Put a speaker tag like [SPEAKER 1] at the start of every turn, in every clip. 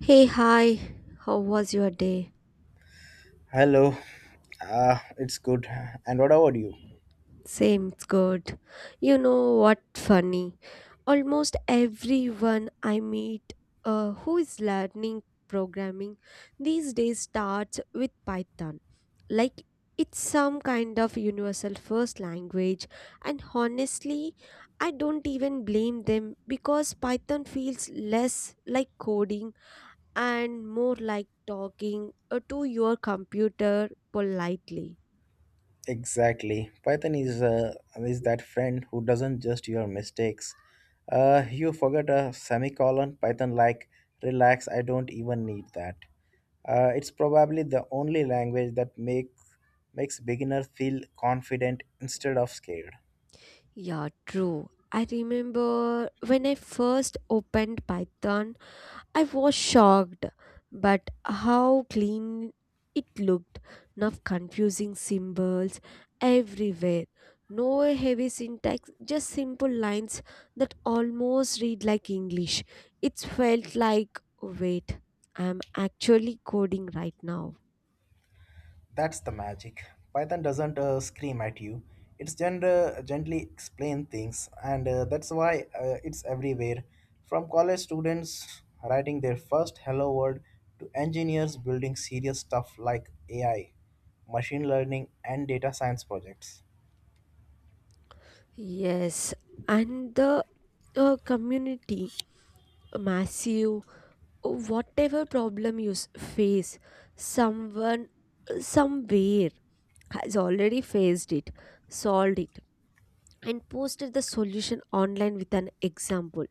[SPEAKER 1] Hey, hi. How was your day?
[SPEAKER 2] Hello, it's good. And what about you?
[SPEAKER 1] Same, it's good. You know what funny? Almost everyone I meet who is learning programming these days starts with Python. Like it's some kind of universal first language and honestly I don't even blame them because Python feels less like coding and more like talking to your computer politely.
[SPEAKER 2] Exactly. Python is that friend who doesn't just your mistakes. You forget a semicolon. Python like relax. I don't even need that. It's probably the only language that makes beginner feel confident instead of scared.
[SPEAKER 1] Yeah, true. I remember when I first opened Python, I was shocked, but how clean it looked. Enough confusing symbols everywhere. No heavy syntax, just simple lines that almost read like English. It felt like, wait, I'm actually coding right now.
[SPEAKER 2] That's the magic. Python doesn't scream at you. It's gender gently explain things, and that's why it's everywhere. From college students writing their first hello world to engineers building serious stuff like AI, machine learning, and data science projects.
[SPEAKER 1] Yes, and the community, massive, whatever problem you face, someone somewhere has already faced it, solved it, and posted the solution online with an example.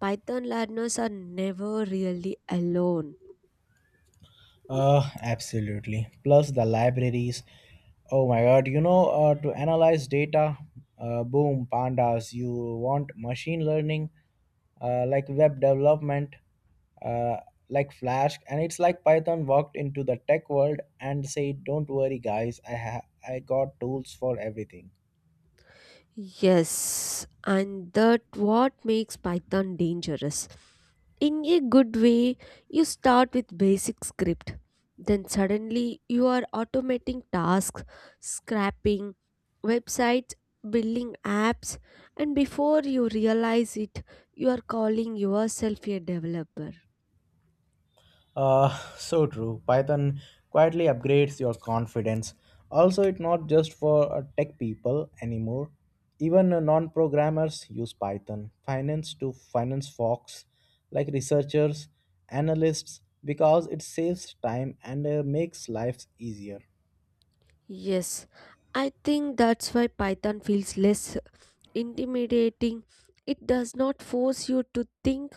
[SPEAKER 1] Python learners are never really alone.
[SPEAKER 2] Absolutely. Plus the libraries. Oh my God! To analyze data, boom, pandas. You want machine learning, like web development, uh, like Flash, and it's like Python walked into the tech world and said, "Don't worry, guys. I got tools for everything."
[SPEAKER 1] Yes, and that what makes Python dangerous. In a good way, you start with basic script. Then suddenly you are automating tasks, scrapping websites, building apps, and before you realize it, you are calling yourself a developer.
[SPEAKER 2] Uh, so true. Python quietly upgrades your confidence. Also, it's not just for tech people anymore. Even non-programmers use Python. Finance to finance folks, like researchers, analysts, because it saves time and makes lives easier.
[SPEAKER 1] Yes, I think that's why Python feels less intimidating. It does not force you to think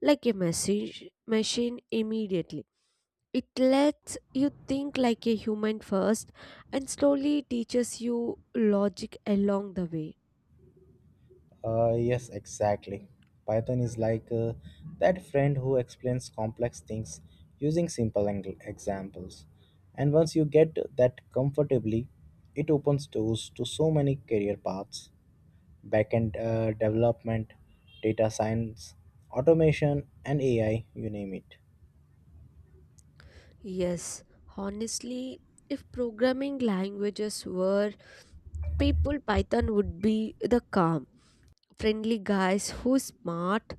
[SPEAKER 1] like a message machine immediately. It lets you think like a human first and slowly teaches you logic along the way.
[SPEAKER 2] Yes, exactly. Python is like that friend who explains complex things using simple examples. And once you get that comfortably, it opens doors to so many career paths backend development, data science, automation, and AI you name it.
[SPEAKER 1] Yes, honestly, if programming languages were people, Python would be the calm, friendly guys who's smart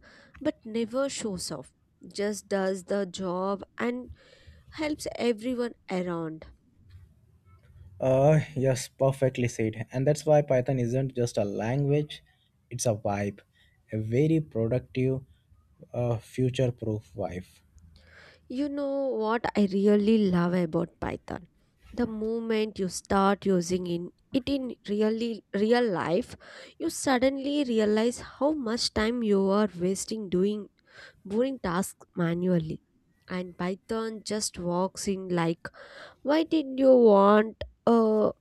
[SPEAKER 1] but never shows off, just does the job and helps everyone around.
[SPEAKER 2] Yes, perfectly said. And that's why Python isn't just a language, it's a vibe, a very productive, future proof vibe.
[SPEAKER 1] You know what I really love about Python? The moment you start using in it in really real life, you suddenly realize how much time you are wasting doing boring tasks manually, and Python just walks in like, why did you want a,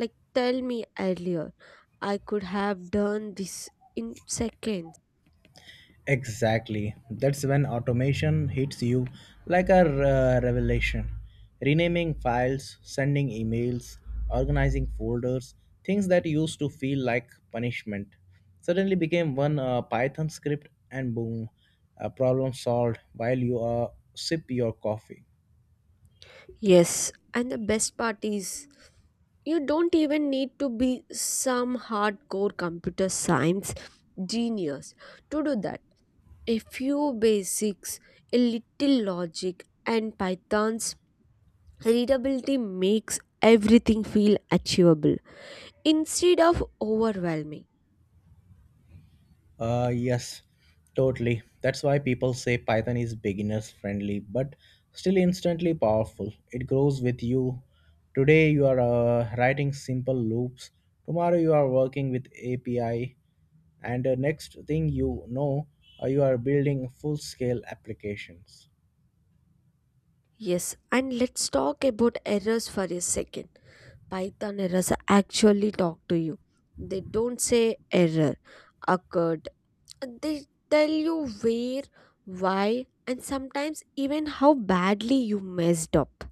[SPEAKER 1] like, tell me earlier, I could have done this in seconds.
[SPEAKER 2] Exactly. That's when automation hits you like a revelation. Renaming files, sending emails, organizing folders, things that used to feel like punishment suddenly became one Python script and boom, a problem solved while you sip your coffee.
[SPEAKER 1] Yes, and the best part is, you don't even need to be some hardcore computer science genius to do that. A few basics, a little logic, and Python's readability makes everything feel achievable instead of overwhelming.
[SPEAKER 2] Yes, totally. That's why people say Python is beginners friendly, but still instantly powerful. It grows with you. Today you are writing simple loops. Tomorrow you are working with API, and next thing you know, you are building full scale applications.
[SPEAKER 1] Yes, and let's talk about errors for a second. Python errors actually talk to you. They don't say error occurred. They tell you where, why, and sometimes even how badly you messed up.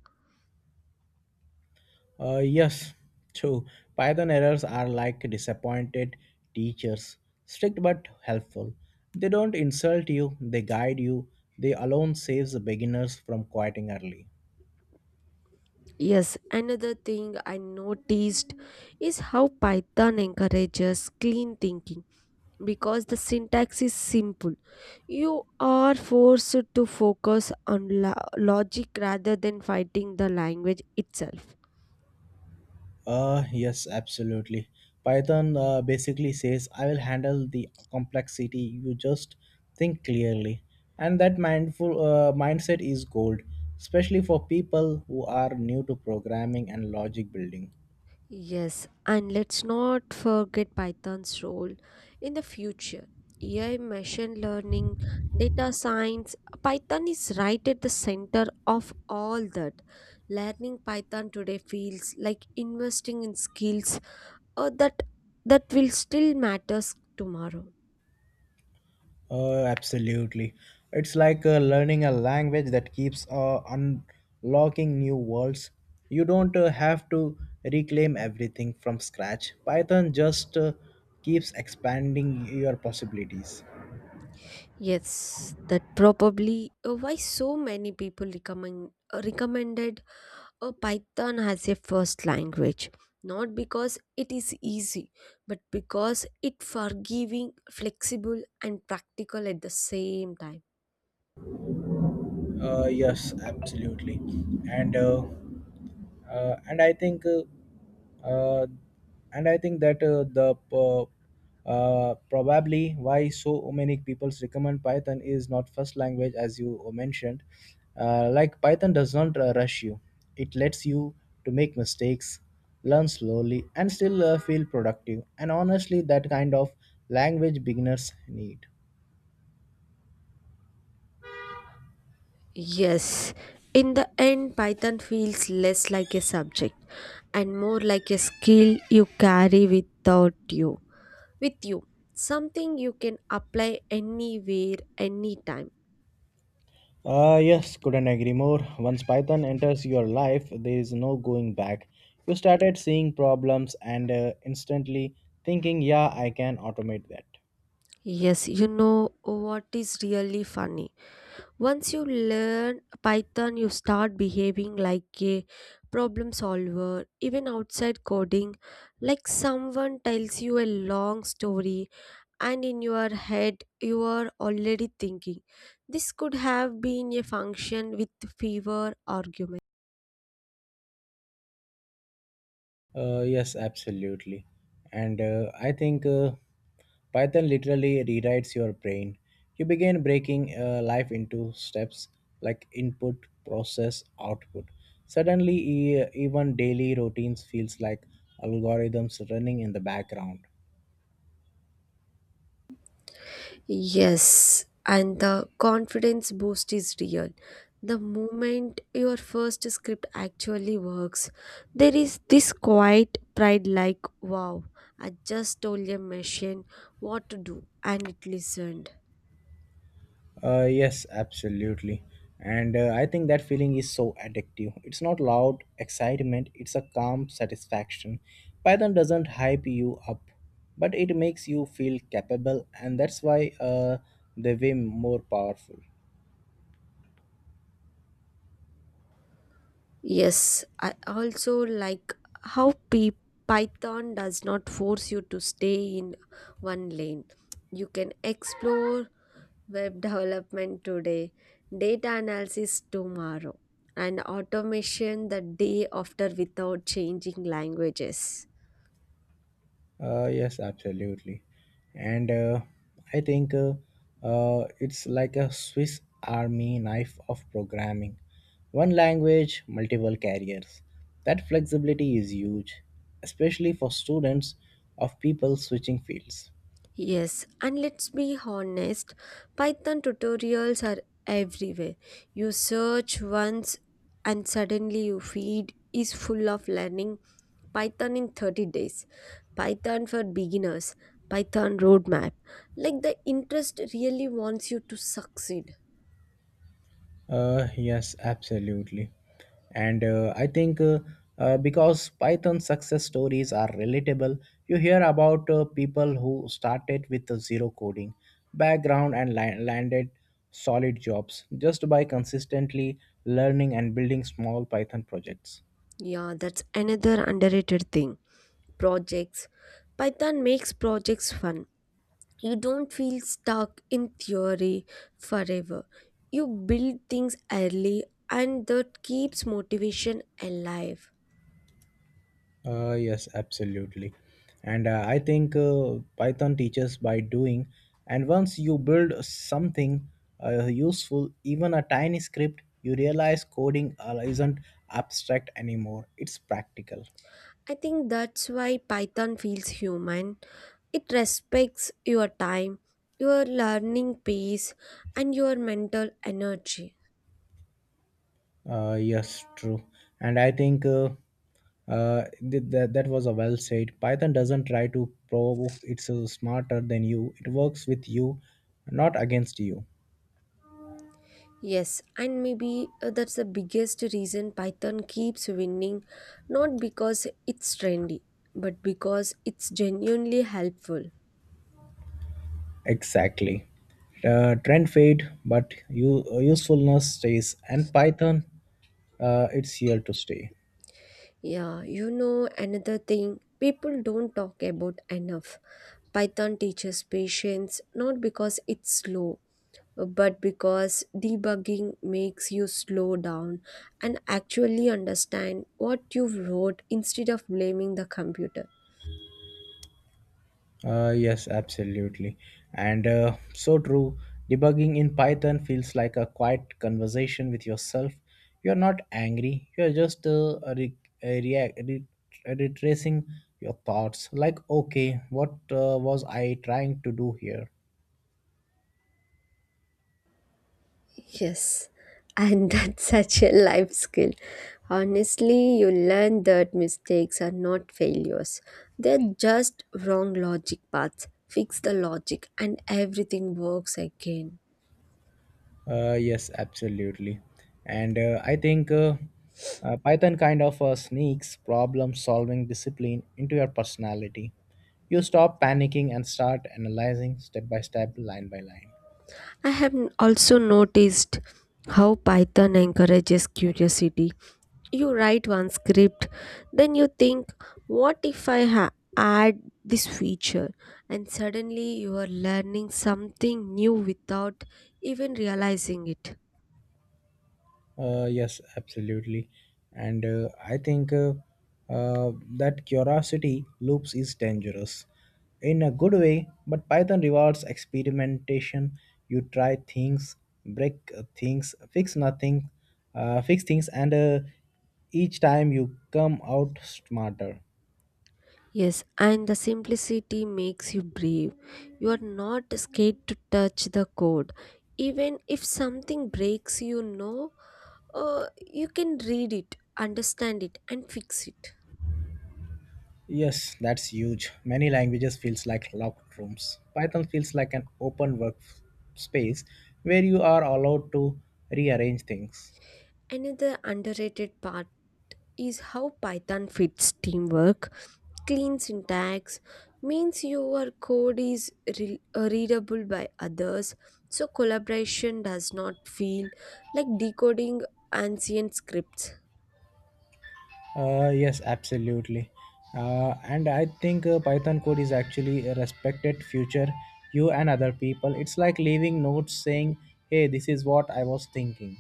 [SPEAKER 2] Yes, true. Python errors are like disappointed teachers, strict but helpful. They don't insult you, they guide you. They alone saves the beginners from quitting early.
[SPEAKER 1] Yes, another thing I noticed is how Python encourages clean thinking because the syntax is simple. You are forced to focus on logic rather than fighting the language itself.
[SPEAKER 2] Yes, absolutely. Python basically says, I will handle the complexity. You just think clearly. And that mindful mindset is gold, especially for people who are new to programming and logic building.
[SPEAKER 1] Yes, and let's not forget Python's role in the future. AI, machine learning, data science, Python is right at the center of all that. Learning Python today feels like investing in skills uh, that that will still matters tomorrow.
[SPEAKER 2] Absolutely. It's like learning a language that keeps unlocking new worlds. You don't have to reclaim everything from scratch. Python just keeps expanding your possibilities.
[SPEAKER 1] Yes, that probably why so many people recommend recommended a python has a first language, not because it is easy but because it forgiving, flexible and practical at the same time.
[SPEAKER 2] Yes, absolutely, and uh, and I think that probably why so many people recommend Python is not first language as you mentioned. Like Python does not rush you; it lets you to make mistakes, learn slowly, and still feel productive. And honestly, that kind of language beginners need.
[SPEAKER 1] Yes, in the end Python feels less like a subject and more like a skill you carry without you with you, something you can apply anywhere anytime.
[SPEAKER 2] Yes, couldn't agree more. Once Python enters your life, there is no going back. You started seeing problems and instantly thinking, yeah, I can automate that.
[SPEAKER 1] Yes, you know what is really funny. Once you learn Python, you start behaving like a problem solver, even outside coding. Like someone tells you a long story, and in your head, you are already thinking, this could have been a function with fewer arguments.
[SPEAKER 2] Yes, absolutely. And I think Python literally rewrites your brain. You begin breaking life into steps like input, process, output. Suddenly, even daily routines feels like algorithms running in the background.
[SPEAKER 1] Yes, and the confidence boost is real. The moment your first script actually works, there is this quiet pride like, wow, I just told a machine what to do and it listened.
[SPEAKER 2] Yes, absolutely. And I think that feeling is so addictive. It's not loud excitement, it's a calm satisfaction. Python doesn't hype you up, but it makes you feel capable, and that's why they way more powerful.
[SPEAKER 1] Yes, I also like how Python does not force you to stay in one lane. You can explore web development today, data analysis tomorrow, and automation the day after without changing languages.
[SPEAKER 2] Yes, absolutely. And I think it's like a Swiss army knife of programming. One language, multiple carriers. That flexibility is huge, especially for students of people switching fields.
[SPEAKER 1] Yes, and let's be honest, Python tutorials are everywhere. You search once and suddenly your feed is full of learning Python in 30 days, Python for beginners, Python roadmap. Like the interest really wants you to succeed.
[SPEAKER 2] Yes, absolutely. And I think because Python success stories are relatable, you hear about people who started with a zero coding background and landed solid jobs just by consistently learning and building small Python projects.
[SPEAKER 1] Yeah, that's another underrated thing. Projects. Python makes projects fun. You don't feel stuck in theory forever. You build things early and that keeps motivation alive.
[SPEAKER 2] Yes, absolutely. And I think Python teaches by doing. And once you build something useful, even a tiny script, you realize coding isn't abstract anymore. It's practical.
[SPEAKER 1] I think that's why Python feels human. It respects your time, your learning pace, and your mental energy.
[SPEAKER 2] Yes, true. And I think uh, that was a well said. Python doesn't try to prove it's smarter than you. It works with you, not against you.
[SPEAKER 1] Yes, and maybe that's the biggest reason Python keeps winning, not because it's trendy, but because it's genuinely helpful.
[SPEAKER 2] Exactly. Trend fade, but usefulness stays. And Python, it's here to stay.
[SPEAKER 1] Yeah, you know, another thing people don't talk about enough. Python teaches patience, not because it's slow, but because debugging makes you slow down and actually understand what you wrote instead of blaming the computer.
[SPEAKER 2] Yes, absolutely. And so true. Debugging in Python feels like a quiet conversation with yourself. You're not angry. You're just react, re- retracing your thoughts. Like, okay, what was I trying to do here?
[SPEAKER 1] Yes, and that's such a life skill. Honestly, you learn that mistakes are not failures, they're just wrong logic paths. Fix the logic, and everything works again.
[SPEAKER 2] Yes, absolutely. And I think Python kind of sneaks problem solving discipline into your personality. You stop panicking and start analyzing step by step, line by line.
[SPEAKER 1] I have also noticed how Python encourages curiosity. You write one script, then you think, what if add this feature? And suddenly you are learning something new without even realizing it.
[SPEAKER 2] Yes, absolutely. And I think uh, that curiosity loops is dangerous in a good way, but Python rewards experimentation. You try things, break things, fix nothing, fix things, and each time you come out smarter.
[SPEAKER 1] Yes, and the simplicity makes you brave. You are not scared to touch the code. Even if something breaks, you know, you can read it, understand it, and fix it.
[SPEAKER 2] Yes, that's huge. Many languages feels like locked rooms. Python feels like an open work space where you are allowed to rearrange things.
[SPEAKER 1] Another underrated part is how Python fits teamwork. Clean syntax means your code is readable by others, so collaboration does not feel like decoding ancient scripts.
[SPEAKER 2] Yes, absolutely. And I think Python code is actually a respected future you and other people. It's like leaving notes saying, "Hey, this is what I was thinking."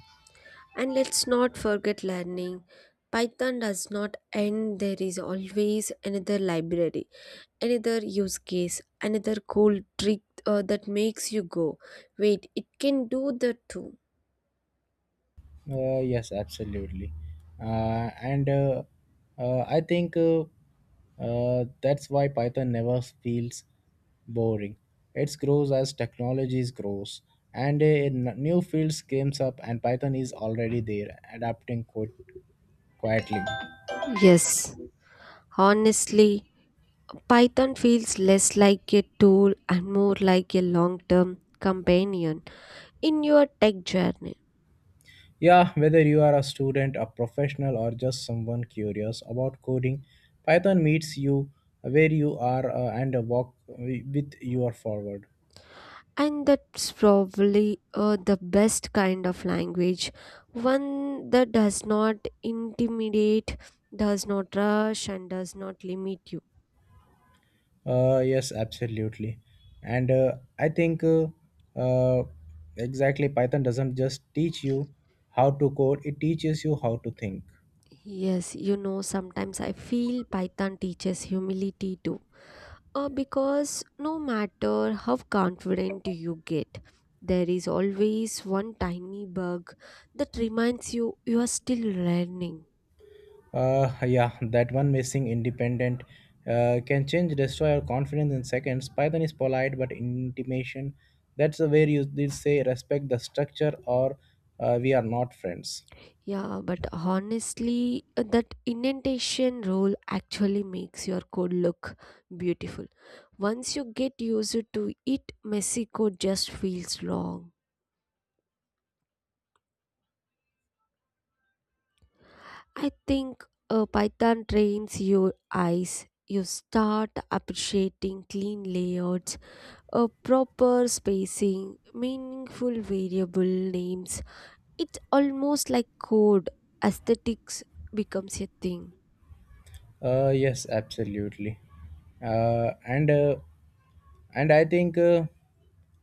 [SPEAKER 1] And let's not forget learning. Python does not end, there is always another library, another use case, another cool trick that makes you go, wait, it can do that too.
[SPEAKER 2] Yes, absolutely. And I think that's why Python never feels boring. It grows as technologies grows, and new fields comes up, and Python is already there, adapting quite quietly.
[SPEAKER 1] Yes, honestly, Python feels less like a tool and more like a long term companion in your tech journey.
[SPEAKER 2] Yeah, whether you are a student, a professional, or just someone curious about coding, Python meets you where you are and walk with your forward.
[SPEAKER 1] And that's probably the best kind of language, one that does not intimidate, does not rush, and does not limit you.
[SPEAKER 2] Yes, absolutely. And I think uh, exactly Python doesn't just teach you how to code, it teaches you how to think.
[SPEAKER 1] Yes, you know, sometimes I feel Python teaches humility too. Because no matter how confident you get, there is always one tiny bug that reminds you you are still learning.
[SPEAKER 2] Yeah, that one missing independent can change, destroy your confidence in seconds. Python is polite but intimation. That's the way you did say respect the structure or we are not friends.
[SPEAKER 1] Yeah, but honestly, that indentation rule actually makes your code look beautiful. Once you get used to it, messy code just feels wrong. I think Python trains your eyes. You start appreciating clean layouts, a proper spacing, meaningful variable names. It's almost like code aesthetics becomes a thing.
[SPEAKER 2] Yes, absolutely. Uh, and uh, and I think uh,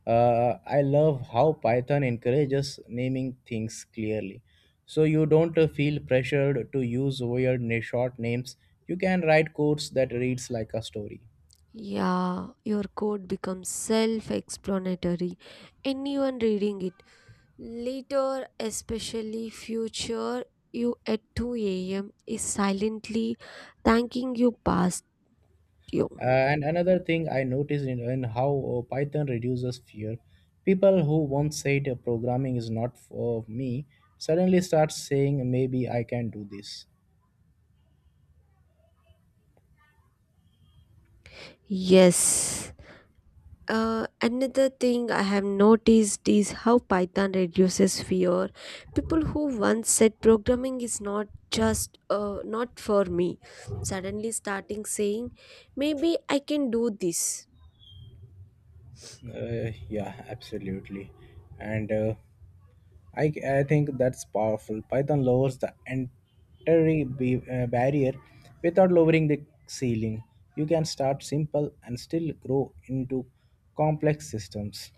[SPEAKER 2] uh, I love how Python encourages naming things clearly, so you don't feel pressured to use weird short names. You can write codes that reads like a story.
[SPEAKER 1] Yeah, your code becomes self explanatory. Anyone reading it later, especially future you at 2 a.m., is silently thanking you past you.
[SPEAKER 2] And another thing I noticed in how Python reduces fear, people who once said programming is not for me suddenly start saying maybe I can do this.
[SPEAKER 1] Yes. Another thing I have noticed is how Python reduces fear. People who once said programming is not for me suddenly starting saying maybe I can do this.
[SPEAKER 2] Yeah, absolutely. And I think that's powerful. Python lowers the entry barrier without lowering the ceiling. You can start simple and still grow into complex systems.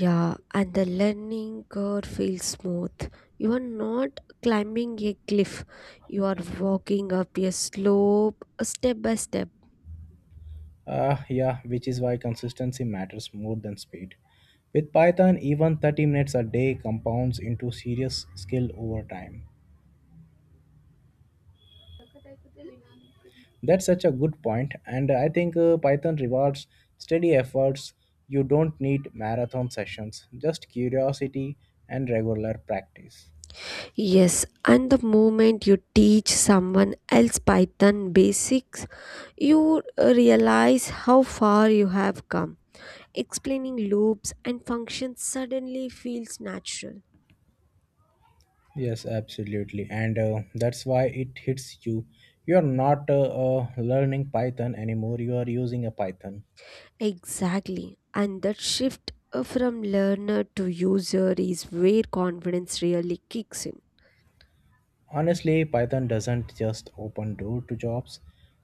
[SPEAKER 1] Yeah, and the learning curve feels smooth. You are not climbing a cliff, you are walking up a slope step by step.
[SPEAKER 2] Yeah, which is why consistency matters more than speed. With Python, even 30 minutes a day compounds into serious skill over time. That's such a good point, and I think Python rewards steady efforts. You don't need marathon sessions, just curiosity and regular practice.
[SPEAKER 1] Yes, and the moment you teach someone else Python basics, you realize how far you have come. Explaining loops and functions suddenly feels natural.
[SPEAKER 2] Yes, absolutely, and that's why it hits you. You are not learning Python anymore. You are using a Python.
[SPEAKER 1] Exactly, and that shift from learner to user is where confidence really kicks in.
[SPEAKER 2] Honestly, Python doesn't just open door to jobs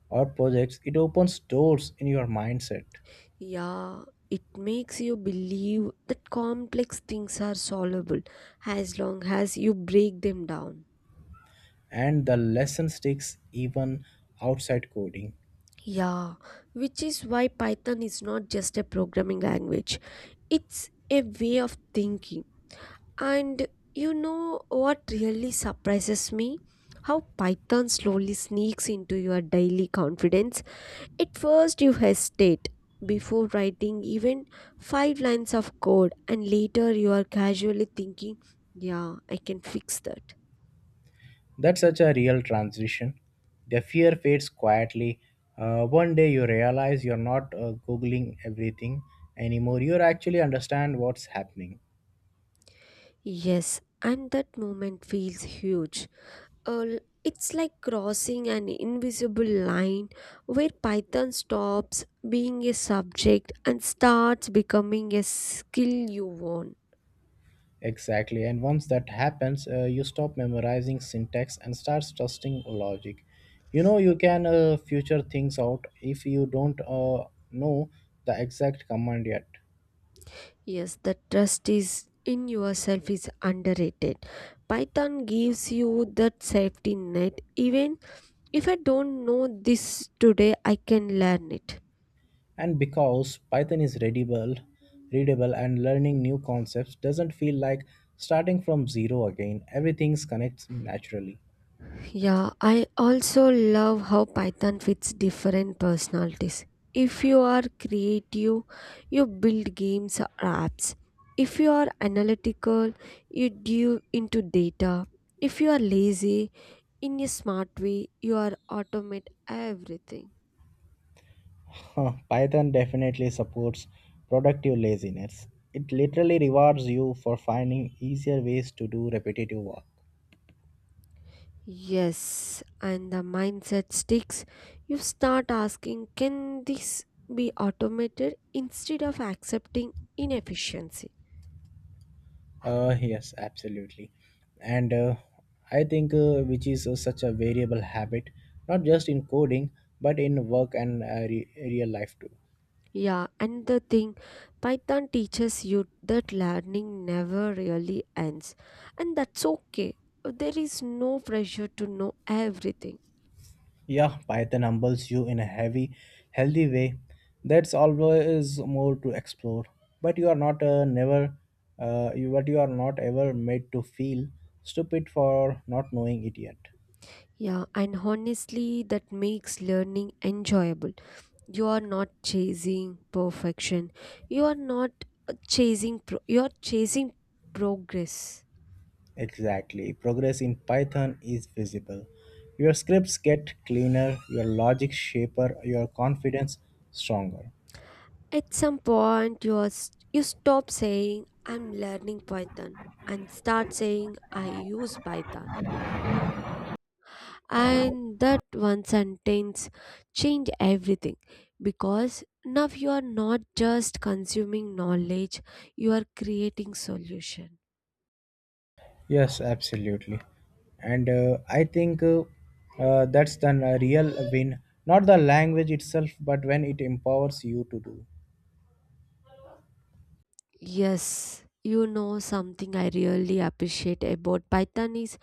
[SPEAKER 2] or projects. It opens doors in your mindset,
[SPEAKER 1] Yeah, it makes you believe that complex things are solvable as long as you break them down.
[SPEAKER 2] and the lesson sticks even outside coding.
[SPEAKER 1] Yeah, which is why Python is not just a programming language, it's a way of thinking. And you know what really surprises me? How Python slowly sneaks into your daily confidence. At first, you hesitate before writing even five lines of code, and later, you are casually thinking, yeah, I can fix that.
[SPEAKER 2] That's such a real transition. The fear fades quietly. One day you realize you're not Googling everything anymore. You actually understand what's happening.
[SPEAKER 1] Yes, and that moment feels huge it's like crossing an invisible line where Python stops being a subject and starts becoming a skill you own.
[SPEAKER 2] Exactly. And once that happens, you stop memorizing syntax and starts trusting logic. You can future things out if you don't know the exact command yet.
[SPEAKER 1] Yes, the trust is in yourself is underrated. Python gives you that safety net. Even if I don't know this today, I can learn it.
[SPEAKER 2] And because Python is readable and learning new concepts doesn't feel like starting from zero again. Everything connects naturally.
[SPEAKER 1] Yeah, I also love how Python fits different personalities. If you are creative, you build games or apps. If you are analytical, you dive into data. If you are lazy, in a smart way, you are automate everything.
[SPEAKER 2] Huh, Python definitely supports productive laziness. It literally rewards you for finding easier ways to do repetitive work.
[SPEAKER 1] Yes, and the mindset sticks. You start asking, can this be automated instead of accepting inefficiency?
[SPEAKER 2] Yes, absolutely. And I think which is such a variable habit, not just in coding, but in work and real life too.
[SPEAKER 1] Yeah, and the thing, Python teaches you that learning never really ends, and that's okay. There is no pressure to know everything.
[SPEAKER 2] Yeah, Python humbles you in a heavy, healthy way. That's always more to explore. But you are not never, but you are not ever made to feel stupid for not knowing it yet.
[SPEAKER 1] Yeah, and honestly, that makes learning enjoyable. You are not chasing perfection. You are not you are chasing progress.
[SPEAKER 2] Exactly. Progress in Python is visible. Your scripts get cleaner, your logic shaper, your confidence stronger.
[SPEAKER 1] At some point, you are you stop saying I'm learning Python and start saying I use Python, and that one sentence changed everything because now you are not just consuming knowledge, you are creating solution.
[SPEAKER 2] Yes, absolutely. And I think that's the real win, not the language itself, but when it empowers you to do.
[SPEAKER 1] Yes, you know something I really appreciate about Python is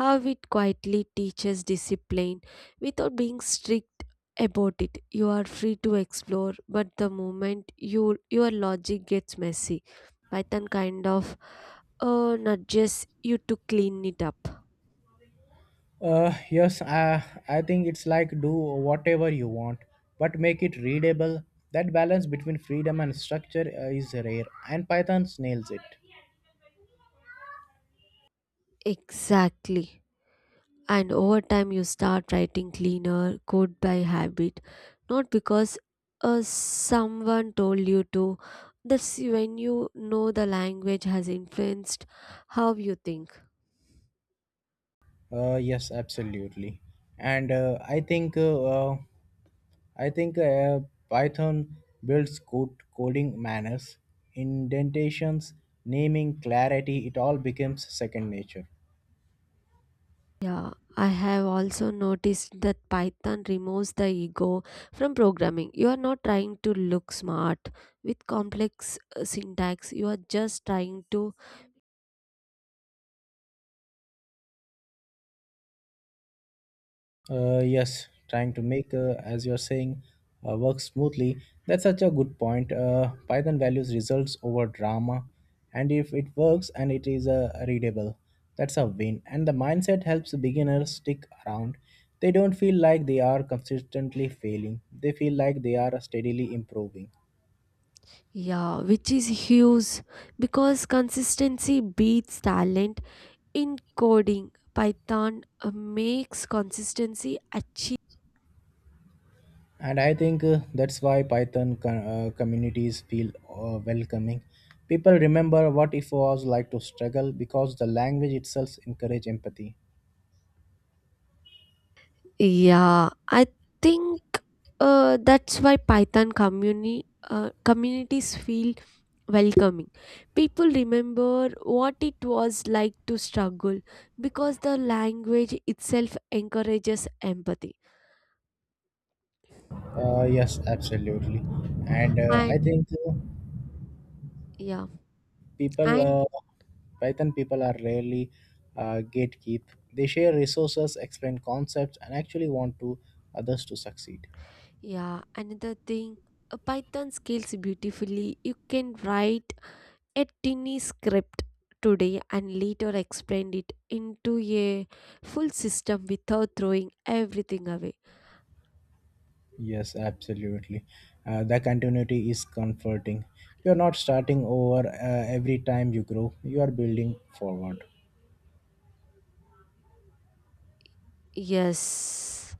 [SPEAKER 1] how it quietly teaches discipline without being strict about it. You are free to explore, but the moment you your logic gets messy, Python kind of nudges you to clean it up.
[SPEAKER 2] Yes, I think it's like do whatever you want, but make it readable. That balance between freedom and structure is rare, and Python nails it.
[SPEAKER 1] Exactly. And over time, you start writing cleaner code by habit, not because someone told you to. That's when you know the language has influenced how you think.
[SPEAKER 2] Yes, absolutely. And I think uh, I think uh, Python builds good coding manners, indentations, naming, clarity. It all becomes second nature.
[SPEAKER 1] Yeah, I have also noticed that Python removes the ego from programming. You are not trying to look smart with complex syntax, you are just trying to.
[SPEAKER 2] Yes, trying to make, as you're saying, work smoothly. That's such a good point. Python values results over drama, and if it works and it is readable, that's a win. And the mindset helps beginners stick around. They don't feel like they are consistently failing. They feel like they are steadily improving.
[SPEAKER 1] Yeah, which is huge because consistency beats talent in coding. Python makes consistency achieve.
[SPEAKER 2] And I think that's why python communities feel welcoming. People remember what it was like to struggle because the language itself encourage empathy.
[SPEAKER 1] Yeah, I think that's why Python community communities feel welcoming. People remember what it was like to struggle because the language itself encourages empathy.
[SPEAKER 2] Yes absolutely. And I
[SPEAKER 1] And
[SPEAKER 2] think
[SPEAKER 1] yeah,
[SPEAKER 2] people
[SPEAKER 1] and
[SPEAKER 2] python people are rarely gatekeep. They share resources explain concepts and actually want to others to succeed.
[SPEAKER 1] yeah, another thing, a Python scales beautifully. You can write a tiny script today and later expand it into a full system without throwing everything away.
[SPEAKER 2] Yes, absolutely. The continuity is comforting. You're not starting over every time you grow, you are building forward.
[SPEAKER 1] Yes,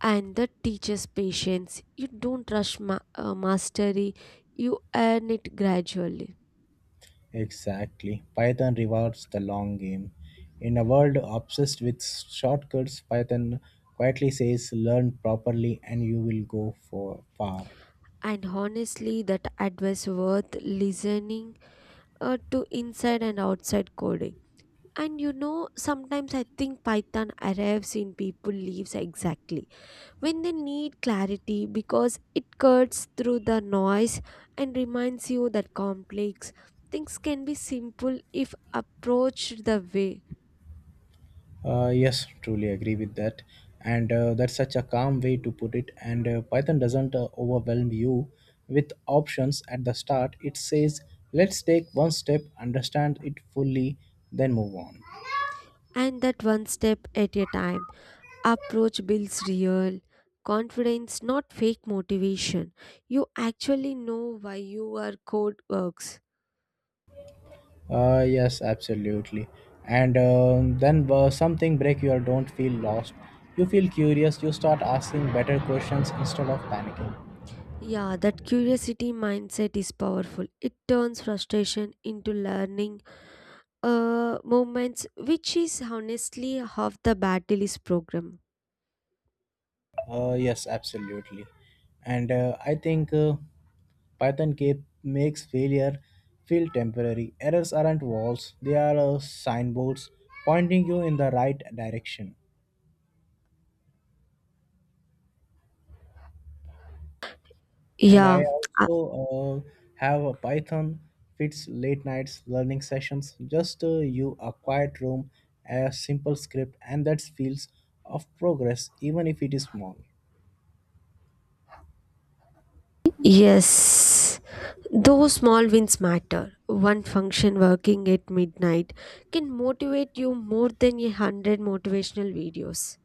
[SPEAKER 1] and that teaches patience. You don't rush mastery, you earn it gradually.
[SPEAKER 2] Exactly. Python rewards the long game. In a world obsessed with shortcuts, Python quietly says learn properly and you will go for far.
[SPEAKER 1] And honestly, that advice worth listening to inside and outside coding. And you know, sometimes I think Python arrives in people leaves exactly when they need clarity because it cuts through the noise and reminds you that complex things can be simple if approached the way.
[SPEAKER 2] Yes, truly agree with that. And that's such a calm way to put it. And Python doesn't overwhelm you with options at the start. It says, let's take one step, understand it fully, then move on.
[SPEAKER 1] And that one step at a time approach builds real confidence, not fake motivation. You actually know why your code works.
[SPEAKER 2] Yes, absolutely. And then something break you or don't feel lost. You feel curious, you start asking better questions instead of panicking.
[SPEAKER 1] Yeah, that curiosity mindset is powerful. It turns frustration into learning moments, which is honestly half the battle is program.
[SPEAKER 2] Yes, absolutely. And I think Python Cape makes failure feel temporary. Errors aren't walls, they are signboards pointing you in the right direction. And I
[SPEAKER 1] Yeah, uh,
[SPEAKER 2] also have a Python fits late nights learning sessions, just you, a quiet room, a simple script, and that feels of progress, even if it is small.
[SPEAKER 1] yes. Those small wins matter. One function working at midnight can motivate you more than 100 motivational videos.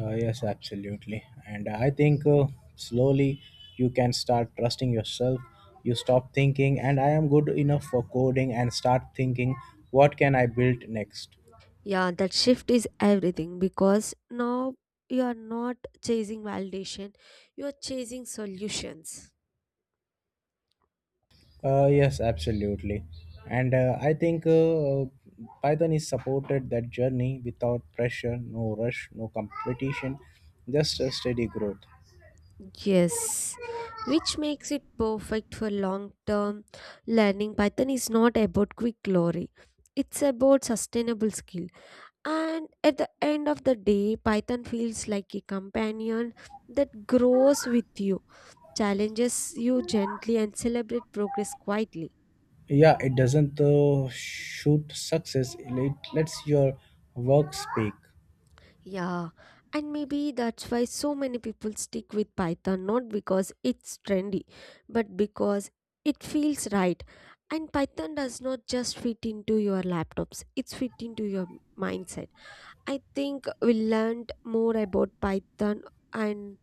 [SPEAKER 2] Yes, absolutely. And I think slowly you can start trusting yourself. You stop thinking, and I am good enough for coding, and start thinking, what can I build next?
[SPEAKER 1] Yeah, that shift is everything because now you are not chasing validation, you are chasing solutions.
[SPEAKER 2] Yes, absolutely. And I think Python is supported that journey without pressure, no rush, no competition, just a steady growth.
[SPEAKER 1] Yes, which makes it perfect for long term learning. Python is not about quick glory, it's about sustainable skill. And at the end of the day, Python feels like a companion that grows with you, challenges you gently, and celebrate progress quietly.
[SPEAKER 2] Yeah, it doesn't shoot success, it lets your work speak.
[SPEAKER 1] Yeah, and maybe that's why so many people stick with Python, not because it's trendy, but because it feels right. And Python does not just fit into your laptops, it's fit into your mindset. I think we learned more about Python and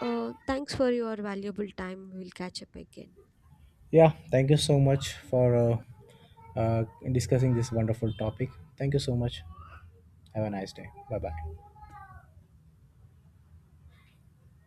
[SPEAKER 1] thanks for your valuable time. We'll catch up again.
[SPEAKER 2] Yeah, thank you so much for uh, discussing this wonderful topic. Thank you so much. Have a nice day. Bye bye.